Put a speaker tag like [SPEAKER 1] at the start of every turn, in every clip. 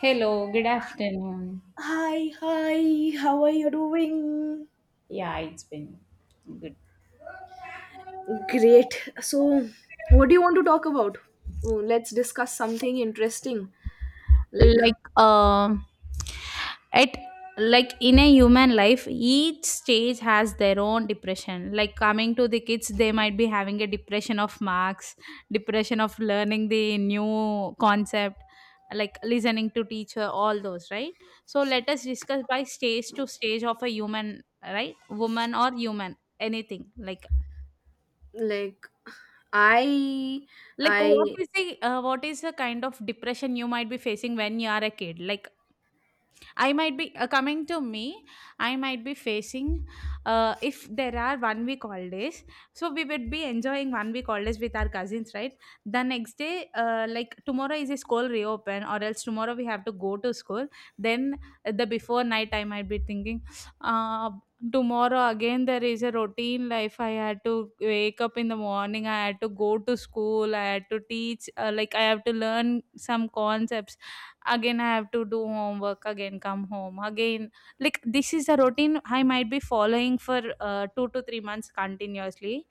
[SPEAKER 1] Hello, good afternoon.
[SPEAKER 2] Hi, hi, how are you doing?
[SPEAKER 1] Yeah, it's been good.
[SPEAKER 2] Great. So, what do you want to talk about? Oh, let's discuss something interesting. Like,
[SPEAKER 1] like um it Like in a human life, each stage has their own depression. Like, coming to the kids, they might be having a depression of marks, depression of learning the new concept, like listening to teacher, all those, right? So let us discuss by stage to stage of a human, right? Woman or human, anything. like
[SPEAKER 2] like, I,
[SPEAKER 1] Like
[SPEAKER 2] I
[SPEAKER 1] what is the kind of depression you might be facing when you are a kid? Like, I might be coming to me. I might be facing, if there are 1 week holidays. So we would be enjoying 1 week holidays with our cousins, right? The next day, like tomorrow is a school reopen, or else tomorrow we have to go to school. Then the before night, I might be thinking, uh, tomorrow again there is a routine life. I had to wake up in the morning. I had to go to school. I had to teach. Like I have to learn some concepts, again I have to do homework, again come home again. Like this is a routine I might be following for 2 to 3 months continuously,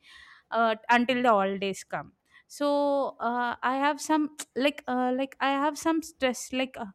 [SPEAKER 1] until the holidays come. So I have some like I have some stress, like uh,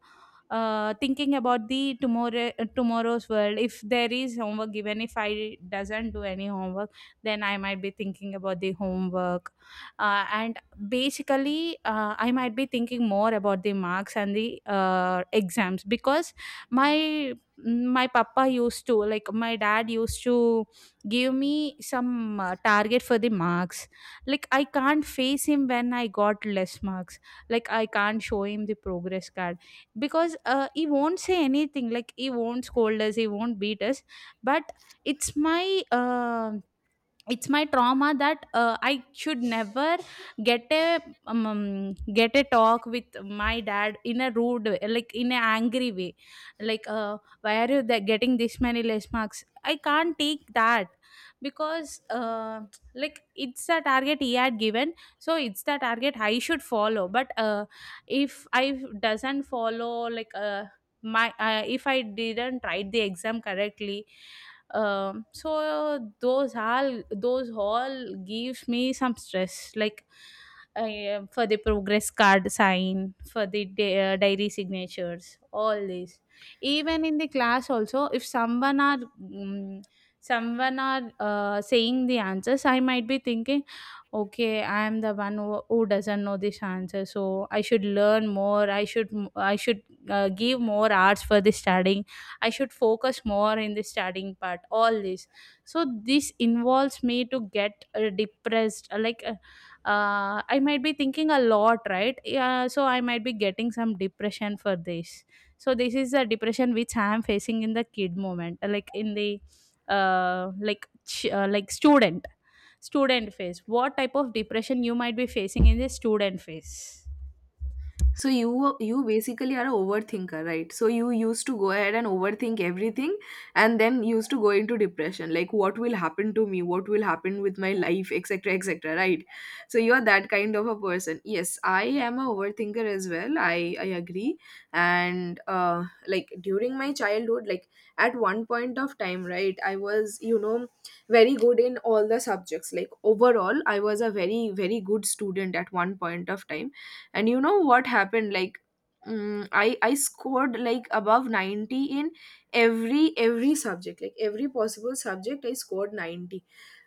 [SPEAKER 1] uh, thinking about the tomorrow, tomorrow's world, if there is homework given, if I doesn't do any homework, then I might be thinking about the homework. And basically I might be thinking more about the marks and the exams, because my my papa used to, like my dad used to give me some target for the marks. Like I can't face him when I got less marks. Like I can't show him the progress card, because he won't say anything. Like he won't scold us, he won't beat us. But it's my it's my trauma that I should never get a get a talk with my dad in a rude way, like in an angry way. Like why are you getting this many less marks? I can't take that, because like it's the target he had given, so it's the target I should follow. But if I doesn't follow, like my if I didn't write the exam correctly, so those, all those all gives me some stress, like for the progress card sign, for the diary signatures, all this. Even in the class also, if someone are someone are saying the answers, I might be thinking, okay, I am the one who doesn't know this answer, so I should learn more, I should give more hours for the studying. I should focus more in the studying part, all this. So this involves me to get depressed. I might be thinking a lot, right? Yeah, so I might be getting some depression for this. So this is the depression which I am facing in the kid moment, like in the like student, student phase. What type of depression you might be facing in the student phase?
[SPEAKER 2] So you basically are a overthinker, right? So you used to go ahead and overthink everything and then used to go into depression. Like what will happen to me? What will happen with my life, etc. etc. Right. So you are that kind of a person. Yes, I am a overthinker as well. I agree. And like during my childhood, like at one point of time, right, I was, you know, very good in all the subjects. Like overall, I was a very, very good student at one point of time, and you know what happened. Like I scored like above 90 in every subject, like every possible subject I scored 90.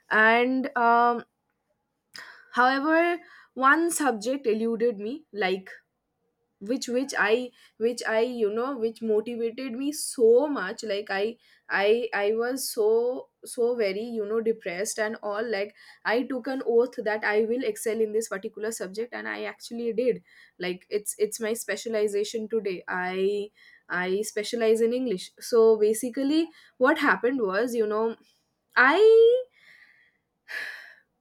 [SPEAKER 2] And however, one subject eluded me, like which I you know, which motivated me so much, like I was so very, you know, depressed and all. Like I took an oath that I will excel in this particular subject, and I actually did. Like it's my specialization today. I specialize in English. So basically what happened was, you know, I,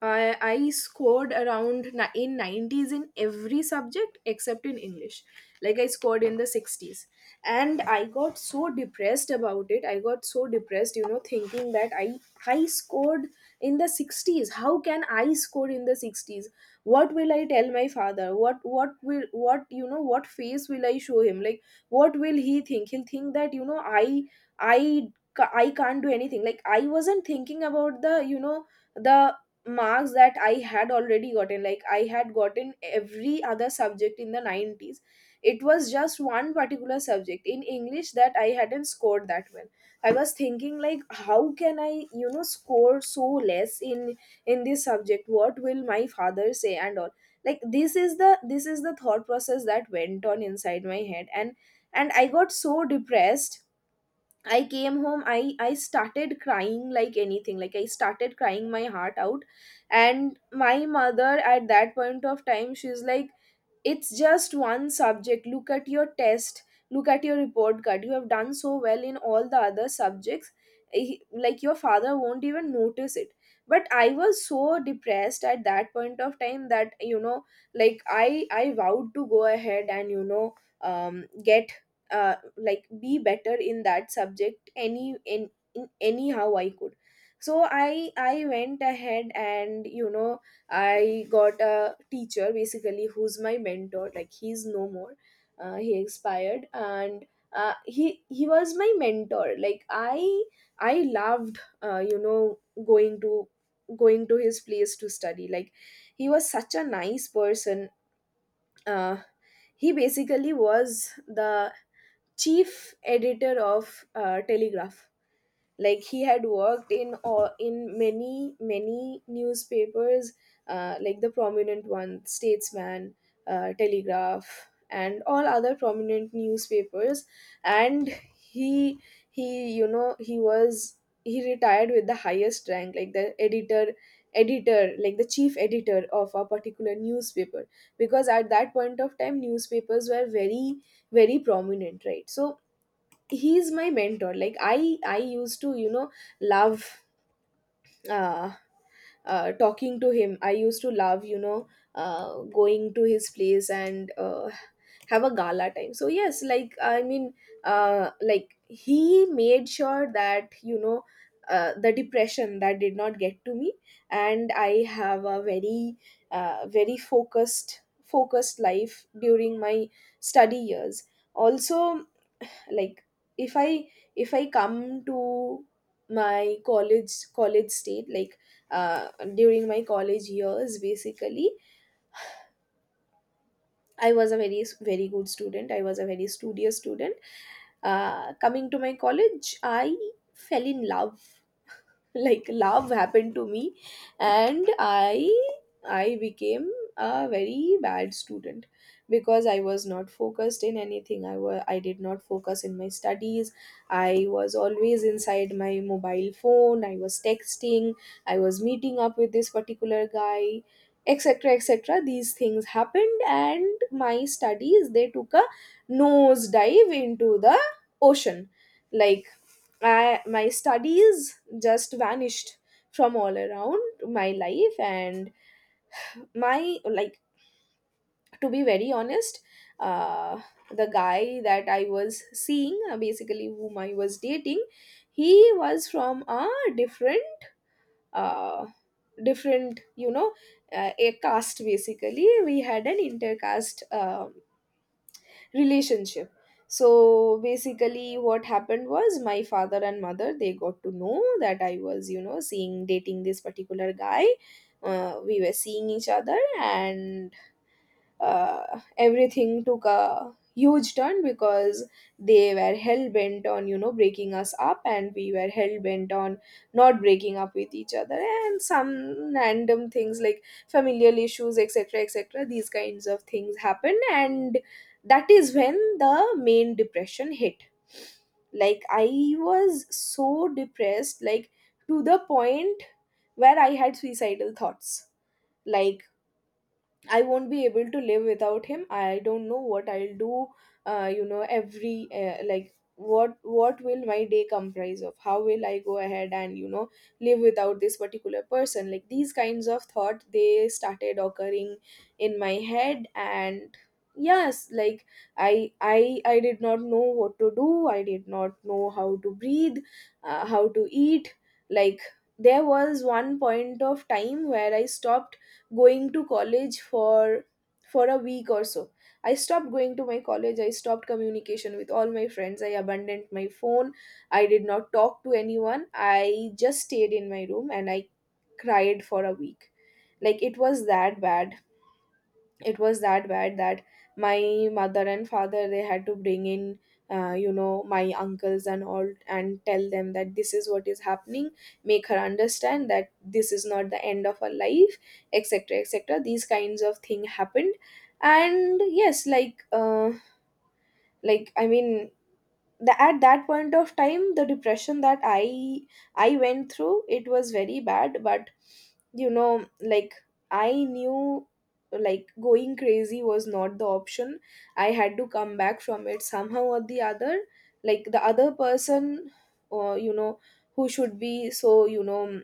[SPEAKER 2] I scored around in 90s in every subject except in English. Like I scored in the 60s. And I got so depressed about it. I got so depressed, you know, thinking that I scored in the 60s. How can I score in the 60s? What will I tell my father? What will, what, you know, what face will I show him? Like, what will he think? He'll think that, you know, I can't do anything. Like, I wasn't thinking about the, you know, the marks that I had already gotten. Like I had gotten every other subject in the 90s. It was just one particular subject in English that I hadn't scored that well. I was thinking, like, how can I, you know, score so less in this subject? What will my father say and all? Like this is the thought process that went on inside my head, and I got so depressed. I came home. I started crying like anything. Like I started crying my heart out, and my mother at that point of time, she's like, it's just one subject, look at your test, look at your report card, you have done so well in all the other subjects. Eh, like, your father won't even notice it. But I was so depressed at that point of time that, you know, like I vowed to go ahead, and, you know, get, like, be better in that subject any in anyhow I could. So I went ahead, and, you know, I got a teacher basically who's my mentor. Like, he's no more. He expired, and he was my mentor. Like I loved, you know, going to his place to study. Like he was such a nice person. Uh, he basically was the chief editor of Telegraph. Like he had worked in, or in many newspapers, like the prominent one, Statesman, Telegraph, and all other prominent newspapers. And he, he was, he retired with the highest rank, like the editor, like the chief editor of a particular newspaper. Because at that point of time newspapers were very, very prominent, right? So he's my mentor. Like I used to, you know, love uh, talking to him. I used to love, you know, going to his place and have a gala time. So yes, like I mean, like, he made sure that, you know, the depression, that did not get to me. And I have a very very focused life during my study years also. Like if I, if I come to my college state, like uh, during my college years basically I was a very, very good student. I was a very studious student. Coming to my college, I fell in love. like love happened to me, and I became a very bad student because I was not focused in anything. I did not focus in my studies. I was always inside my mobile phone. I was texting. I was meeting up with this particular guy, etc. etc. These things happened, and my studies, they took a nosedive into the ocean. Like I, my studies just vanished from all around my life. And my, like, to be very honest, uh the guy that I was seeing, basically whom I was dating, he was from a different uh, different, you know, a caste basically. We had an intercaste relationship. So basically what happened was, my father and mother, they got to know that I was, you know, seeing dating this particular guy. We were seeing each other, and everything took a huge turn, because they were hell bent on, you know, breaking us up, and we were hell bent on not breaking up with each other, and some random things like familial issues, etc. etc. these kinds of things happen. And that is when the main depression hit. Like I was so depressed, like, to the point where I had suicidal thoughts. Like, I won't be able to live without him. I don't know what I'll do. You know, every like, what will my day comprise of? How will I go ahead and, you know, live without this particular person? Like, these kinds of thought, they started occurring in my head. And yes, like I did not know what to do. I did not know how to breathe, how to eat. Like there was one point of time where I stopped going to college for a week or so. I stopped going to my college, I stopped communication with all my friends, I abandoned my phone, I did not talk to anyone, I just stayed in my room, and I cried for a week. Like it was that bad. It was that bad that my mother and father, they had to bring in, you know, my uncles and all, and tell them that this is what is happening, make her understand that this is not the end of her life, etc. etc. these kinds of thing happened. And yes, like I mean, at that point of time, the depression that I went through, it was very bad. But you know, like, I knew, like, going crazy was not the option. I had to come back from it somehow or the other. Like the other person, or you know, who should be so you know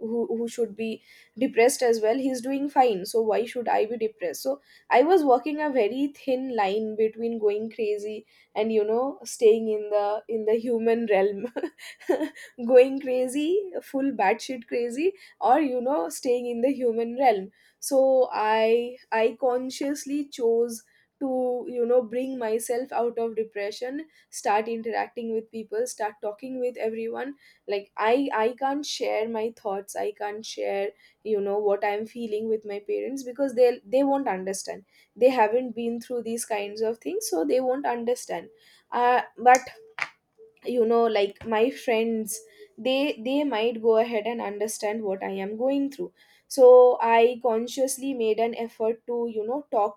[SPEAKER 2] who should be depressed as well, he's doing fine, so why should I be depressed? So I was walking a very thin line between going crazy and, you know, staying in the human realm, going crazy, full batshit crazy, or, you know, staying in the human realm. So I consciously chose to, you know, bring myself out of depression, start interacting with people, start talking with everyone. Like I can't share my thoughts, I can't share, you know, what I'm feeling with my parents, because they won't understand. They haven't been through these kinds of things, so they won't understand. But, you know, like, my friends, they might go ahead and understand what I am going through. So I consciously made an effort to, you know,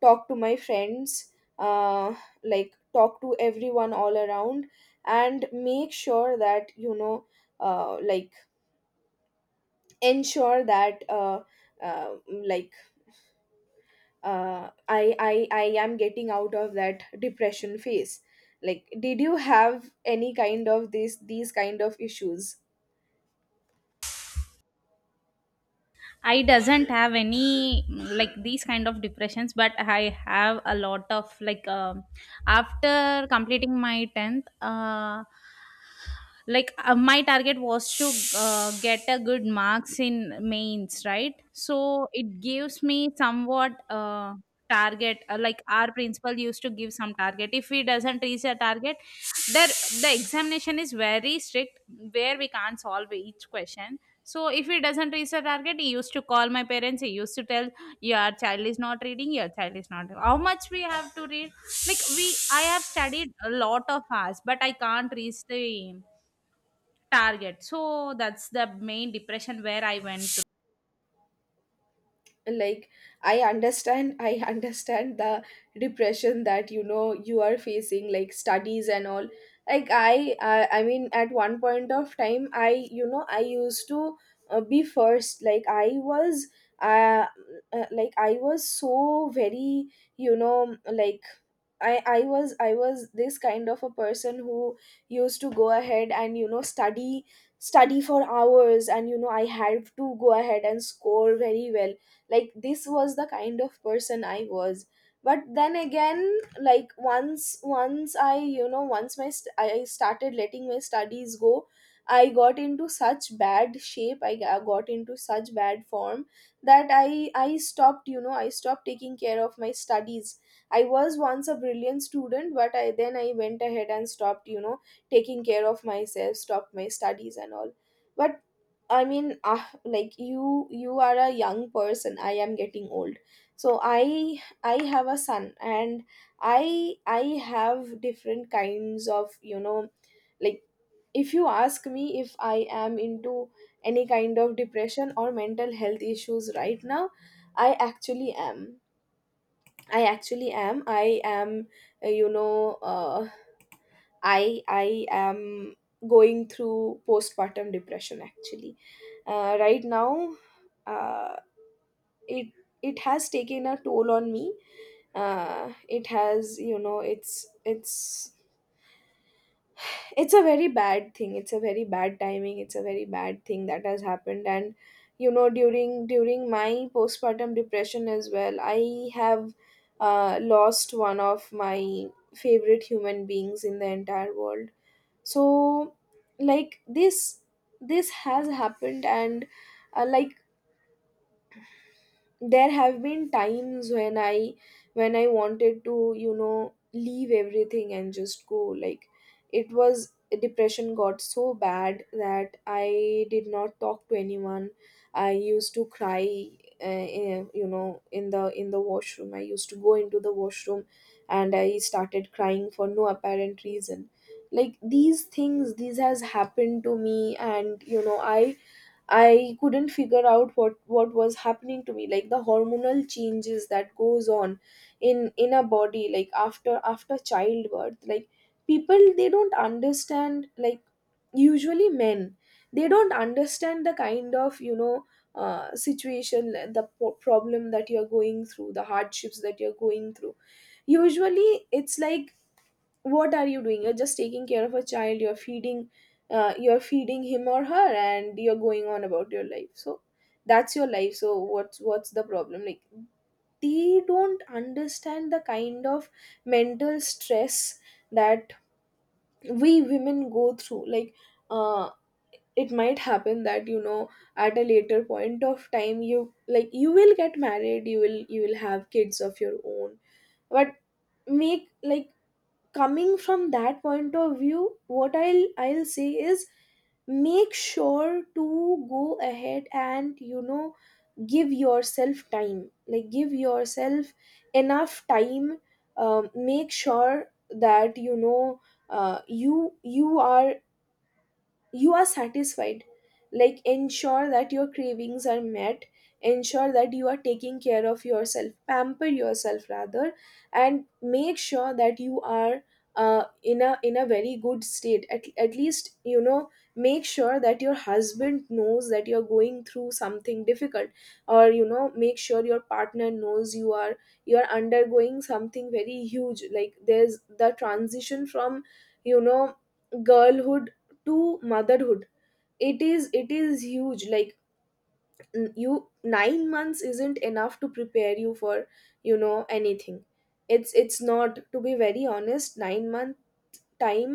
[SPEAKER 2] talk to my friends, uh, like, talk to everyone all around, and make sure that, you know, like, ensure that uh, like, I am getting out of that depression phase. Like, did you have any kind of this, these kind of issues?
[SPEAKER 1] I doesn't have any, like these kind of depressions, but I have a lot of like, after completing my tenth. Like my target was to get a good marks in mains, right? So it gives me somewhat target. Like our principal used to give some target. If he doesn't reach a target, there the examination is very strict where we can't solve each question. So if he doesn't reach a target, he used to call my parents, he used to tell, your child is not reading, your child is not, how much we have to read. Like we I have studied a lot of hours, but I can't reach the target. So that's the main depression where I went.
[SPEAKER 2] Like, I understand. I understand the depression that, you know, you are facing, like studies and all. Like, I mean, at one point of time, I, you know, I used to be first. Uh, like I was so very like I was this kind of a person who used to go ahead and study for hours. And I had to go ahead and score very well. Like, this was the kind of person I was. But then again, like, once I, once my I started letting my studies go. I got into such bad shape. I got into such bad form that I stopped. I stopped taking care of my studies. I was once a brilliant student, but I then I went ahead and stopped, taking care of myself, stopped my studies and all. But I mean, like, you are a young person. I am getting old, so I have a son, and I have different kinds of, like, if you ask me if I am into any kind of depression or mental health issues right now, I actually am. I actually am. I am, uh, you know, uh, I am going through postpartum depression, actually. Right now, uh, it it has taken a toll on me. It has, it's a very bad thing. It's a very bad timing. It's a very bad thing that has happened. And during my postpartum depression as well, I have lost one of my favorite human beings in the entire world. So, like, this has happened. And like, there have been times when I when I wanted to leave everything and just go. Like, it was, depression got so bad that I did not talk to anyone. I used to cry, in the washroom. I used to go into the washroom and I started crying for no apparent reason. Like, these things, these has happened to me. And I couldn't figure out what was happening to me, like the hormonal changes that goes on in a body, like after childbirth. Like, people, they don't understand. Like, usually men, they don't understand the kind of, situation, the problem that you're going through, the hardships that you're going through. Usually it's like, what are you doing? You're just taking care of a child. You're feeding, you're feeding him or her, and you're going on about your life. So that's your life. So what's, the problem? Like, they don't understand the kind of mental stress that we women go through. Like, uh, it might happen that at a later point of time, you, like, you will get married, you will have kids of your own. But, make, like, coming from that point of view, what I'll say is, make sure to go ahead and give yourself time. Like, give yourself enough time. Make sure that you are, you are satisfied. Like, ensure that your cravings are met. Ensure that you are taking care of yourself. Pamper yourself, rather. And make sure that you are, in a, very good state. At least, make sure that your husband knows that you're going through something difficult, or make sure your partner knows you are, you're undergoing something very huge. Like, there's the transition from, you know girlhood to motherhood. It is, huge. Like, you, 9 months isn't enough to prepare you for anything. It's, not, to be very honest. 9-month time,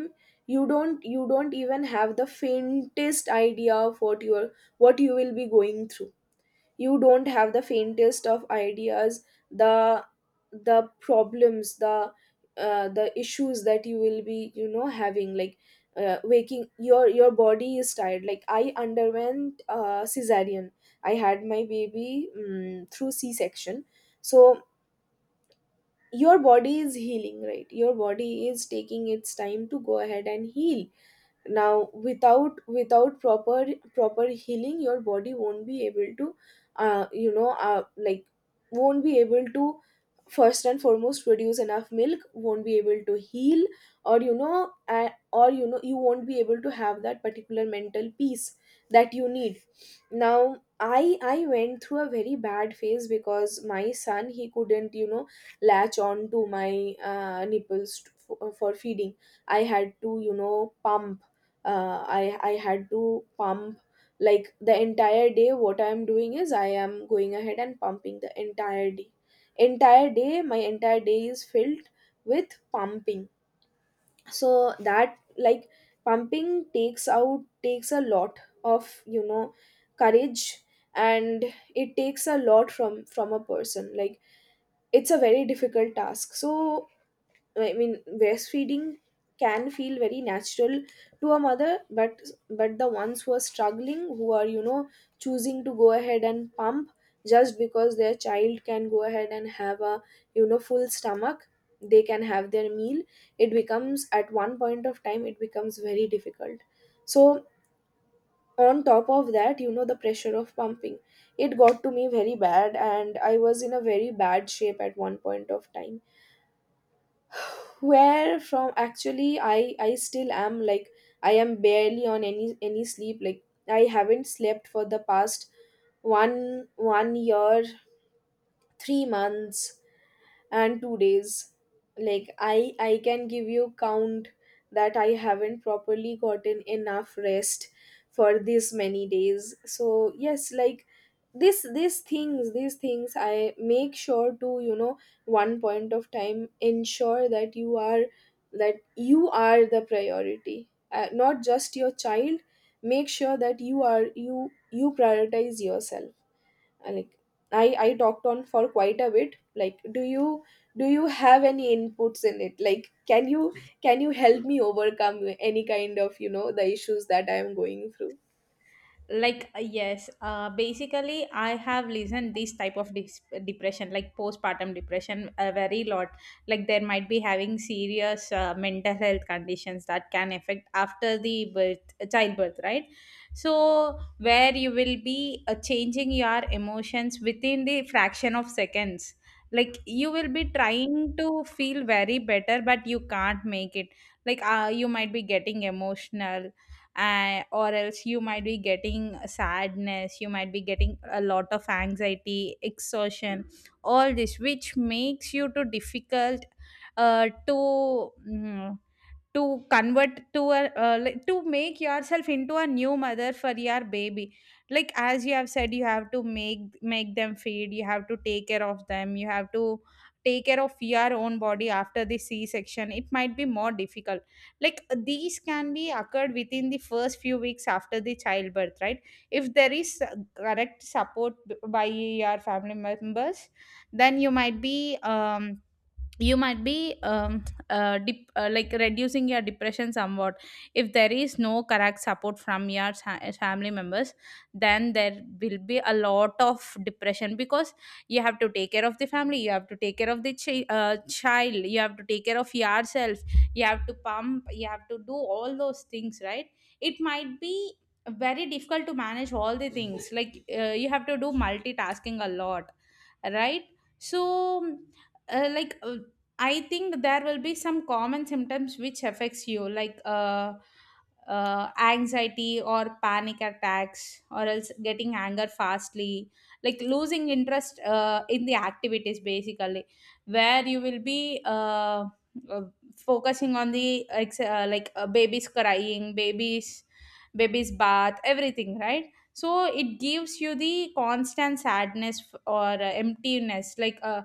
[SPEAKER 2] you don't, even have the faintest idea of what you're, what you will be going through. You don't have the faintest of ideas, the the problems, the issues that you will be having. Like, waking, your body is tired. Like, I underwent cesarean. I had my baby through c section. So your body is healing, right? Your body is taking its time to go ahead and heal. Now, without proper healing, your body won't be able to, like, won't be able to first and foremost produce enough milk, won't be able to heal, or or you won't be able to have that particular mental peace that you need. Now, I went through a very bad phase because my son, he couldn't latch on to my nipples to, for feeding. I had to pump. I had to pump like the entire day. What I am doing is I am going ahead and pumping the entire day. Entire day, my entire day is filled with pumping. So that, like, pumping takes out, takes a lot of, courage. And it takes a lot from a person. Like, it's a very difficult task. So, I mean, breastfeeding can feel very natural to a mother, but the ones who are struggling, who are, choosing to go ahead and pump, just because their child can go ahead and have a, full stomach, they can have their meal. It becomes, at one point of time, it becomes very difficult. So, on top of that, the pressure of pumping, it got to me very bad, and I was in a very bad shape at one point of time, where from, actually, I still am. Like, I am barely on any sleep. Like, I haven't slept for the past one year, 3 months and 2 days. Like, I can give you count that I haven't properly gotten enough rest for this many days. So yes, like, this, these things, I make sure to, one point of time, ensure that you are, that you are the priority, not just your child. Make sure that you are, you prioritize yourself. I, like, I talked on for quite a bit. Like, do you, have any inputs in it? Like, can you, help me overcome any kind of, the issues that I am going through?
[SPEAKER 1] Like yes, basically I have listened this type of depression, like postpartum depression, a very lot. Like there might be having serious mental health conditions that can affect after the birth, childbirth, right? So where you will be changing your emotions within the fraction of seconds. Like you will be trying to feel very better, but you can't make it. Like you might be getting emotional, or else you might be getting sadness, you might be getting a lot of anxiety, exhaustion, all this, which makes you too difficult uh, to mm, to convert to a, like, to make yourself into a new mother for your baby. Like as you have said, you have to make them feed, you have to take care of them, you have to take care of your own body after the c section. It might be more difficult. Like these can be occurred within the first few weeks after the childbirth, right? If there is correct support by your family members, then you might be um you might be um, like reducing your depression somewhat. If there is no correct support from your family members, then there will be a lot of depression, because you have to take care of the family, you have to take care of the child, you have to take care of yourself, you have to pump, you have to do all those things, right? It might be very difficult to manage all the things. Like you have to do multitasking a lot, right? So uh, like uh, I think there will be some common symptoms which affects you, like anxiety or panic attacks, or else getting anger fastly, like losing interest in the activities, basically where you will be uh, focusing on the babies crying, babies bath, everything, right? So it gives you the constant sadness or emptiness. Like uh,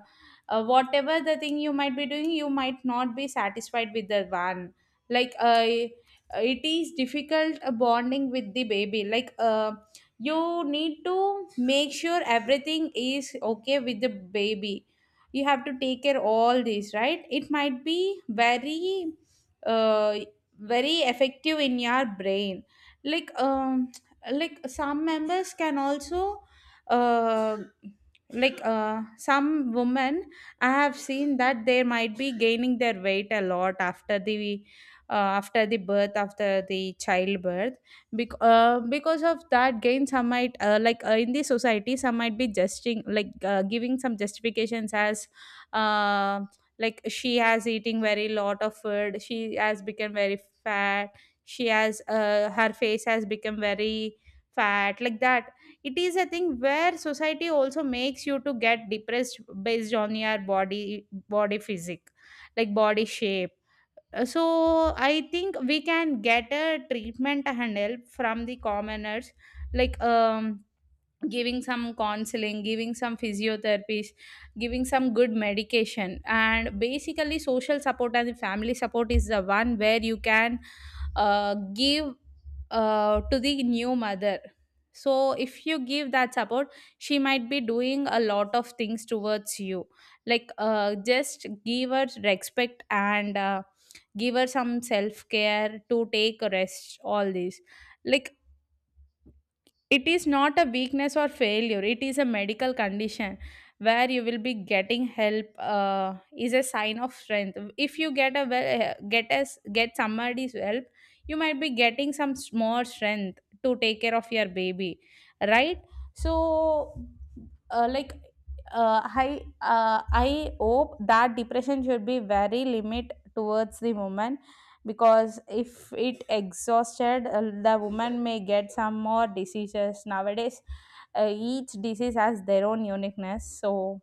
[SPEAKER 1] uh, whatever the thing you might be doing, you might not be satisfied with the one. Like it is difficult bonding with the baby. Like you need to make sure everything is okay with the baby, you have to take care all this, right? It might be very uh, very effective in your brain. like um like some members can also uh, some women, I have seen that they might be gaining their weight a lot uh, after the birth, after the childbirth. Because of that gain, some might in the society, some might be justing, like giving some justifications as uh, like she has eating very lot of food, she has become very fat, she has her face has become very fat, like that. It is a thing where society also makes you to get depressed based on your body, body physique, like body shape. So I think we can get a treatment and help from the commoners, like um giving some counseling, giving some physiotherapies, giving some good medication. And basically social support and family support is the one where you can give to the new mother. So if you give that support, she might be doing a lot of things towards you. Like just give her respect, and give her some self care, to take a rest, all these. Like it is not a weakness or failure, it is a medical condition, where you will be getting help, is a sign of strength. If you get a well, get somebody's help, you might be getting some more strength to take care of your baby, right? So, uh, like I hope that depression should be very limit towards the woman. Because if it exhausted, the woman may get some more diseases nowadays. Each disease has their own uniqueness. So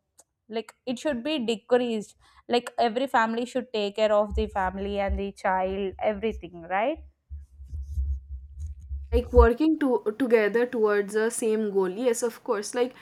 [SPEAKER 1] like it should be decreased. Like every family should take care of the family and the child, everything, right?
[SPEAKER 2] Like, working to, together towards a same goal. Yes, of course. Like,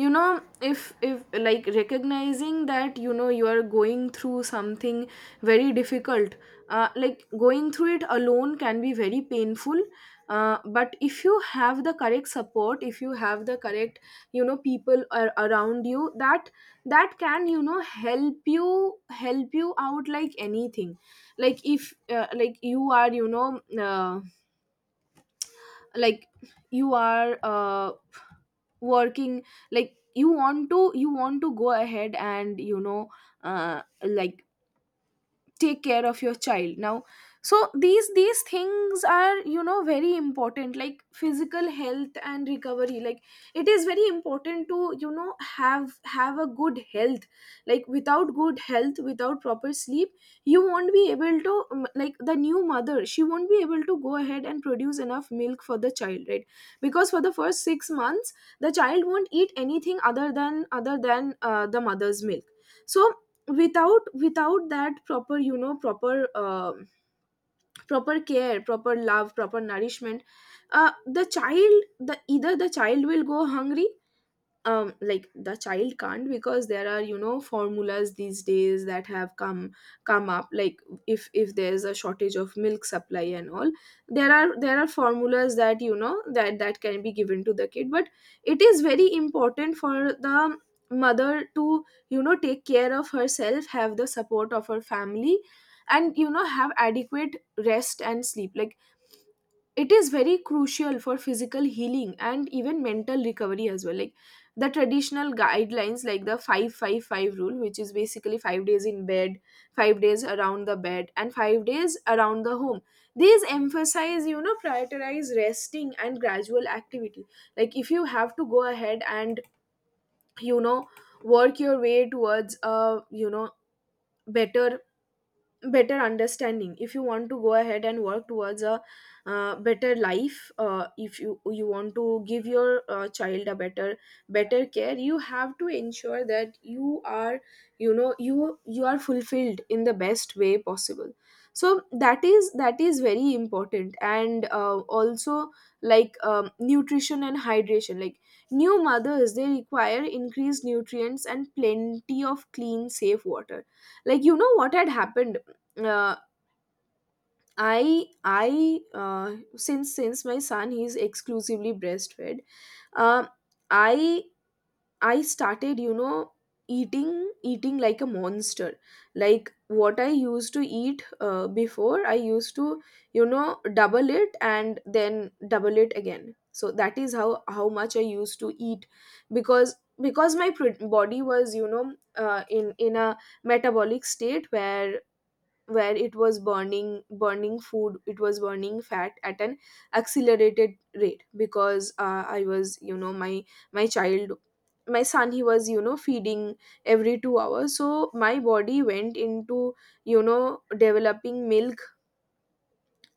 [SPEAKER 2] you know if if, like, recognizing that you are going through something very difficult, like, going through it alone can be very painful. But if you have the correct support, if you have the correct, people around you that, can, help you, out, like, anything. Like, if like, you are, uh, like, you are working. Like, you want to, go ahead and, like, take care of your child now. So, these, things are, very important. Like, physical health and recovery. Like, it is very important to, have, a good health. Like, without good health, without proper sleep, you won't be able to, like, the new mother, she won't be able to go ahead and produce enough milk for the child, right? Because for the first 6 months, the child won't eat anything other than, the mother's milk. So, without that proper, proper proper care, proper love, proper nourishment, the child, the, either the child will go hungry. Like, the child can't, because there are, formulas these days that have come, up. Like, if there's a shortage of milk supply and all, there are, formulas that, that can be given to the kid. But it is very important for the mother to, take care of herself, have the support of her family, and have adequate rest and sleep. Like, it is very crucial for physical healing and even mental recovery as well. Like, the traditional guidelines, like the 555 rule, which is basically 5 days in bed, 5 days around the bed, and 5 days around the home. These emphasize, prioritize resting and gradual activity. Like, if you have to go ahead and, you know work your way towards a, you know better, understanding. If you want to go ahead and work towards a, better life, if you, want to give your child a better, care, you have to ensure that you are, you are fulfilled in the best way possible. So that is, very important. And also, like, nutrition and hydration. Like, new mothers, they require increased nutrients and plenty of clean, safe water. Like, what had happened, uh, I since my son, he's exclusively breastfed, uh, i I started, eating like a monster. Like, what I used to eat before, I used to, double it and then double it again. So that is how much I used to eat, because, my body was, in a metabolic state where, it was burning, food, it was burning fat at an accelerated rate, because I was, my child, my son, he was, feeding every 2 hours. So my body went into, developing milk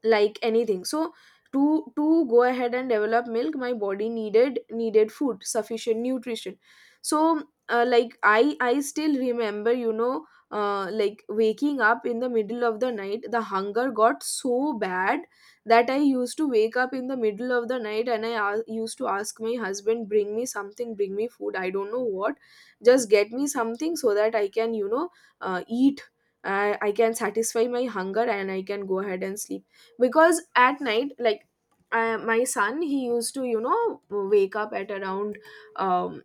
[SPEAKER 2] like anything. So, to go ahead and develop milk, my body needed, food, sufficient nutrition. So, like, I still remember, like, waking up in the middle of the night, the hunger got so bad that I used to wake up in the middle of the night and used to ask my husband, bring me something, bring me food, I don't know what, just get me something so that I can, eat, I can satisfy my hunger and I can go ahead and sleep. Because at night, like, I, my son, he used to, wake up at around, um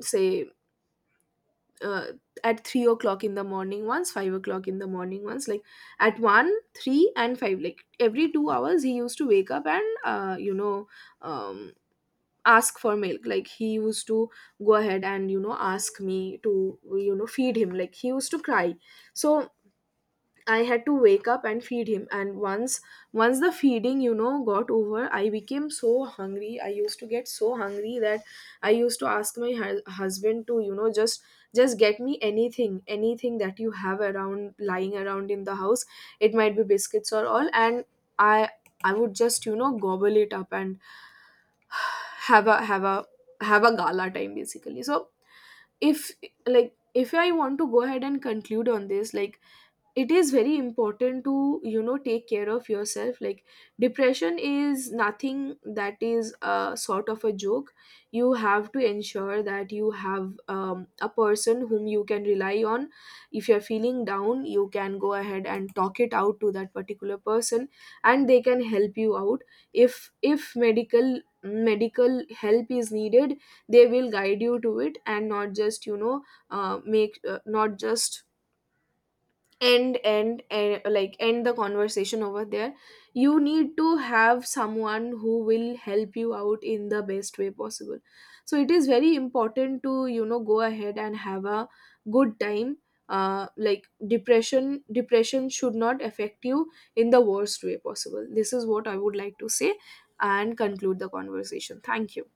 [SPEAKER 2] say uh, at 3 o'clock in the morning once, 5 o'clock in the morning once. Like, at one, three and five, like every 2 hours, he used to wake up, and um ask for milk. Like, he used to go ahead and, ask me to, feed him. Like, he used to cry. So I had to wake up and feed him. And once, the feeding, got over, I became so hungry. I used to get so hungry that I used to ask my husband to, just, get me anything, anything that you have around lying around in the house. It might be biscuits or all, and I I would just, gobble it up, and have a, have a gala time, basically. So, if, like, if I want to go ahead and conclude on this, like, it is very important to, take care of yourself. Like, depression is nothing that is a sort of a joke. You have to ensure that you have, a person whom you can rely on. If you're feeling down, you can go ahead and talk it out to that particular person, and they can help you out. If medical, help is needed, they will guide you to it and not just, make, not just end, end and like end the conversation over there. You need to have someone who will help you out in the best way possible. So it is very important to, go ahead and have a good time. Like, depression, should not affect you in the worst way possible. This is what I would like to say, and conclude the conversation. Thank you.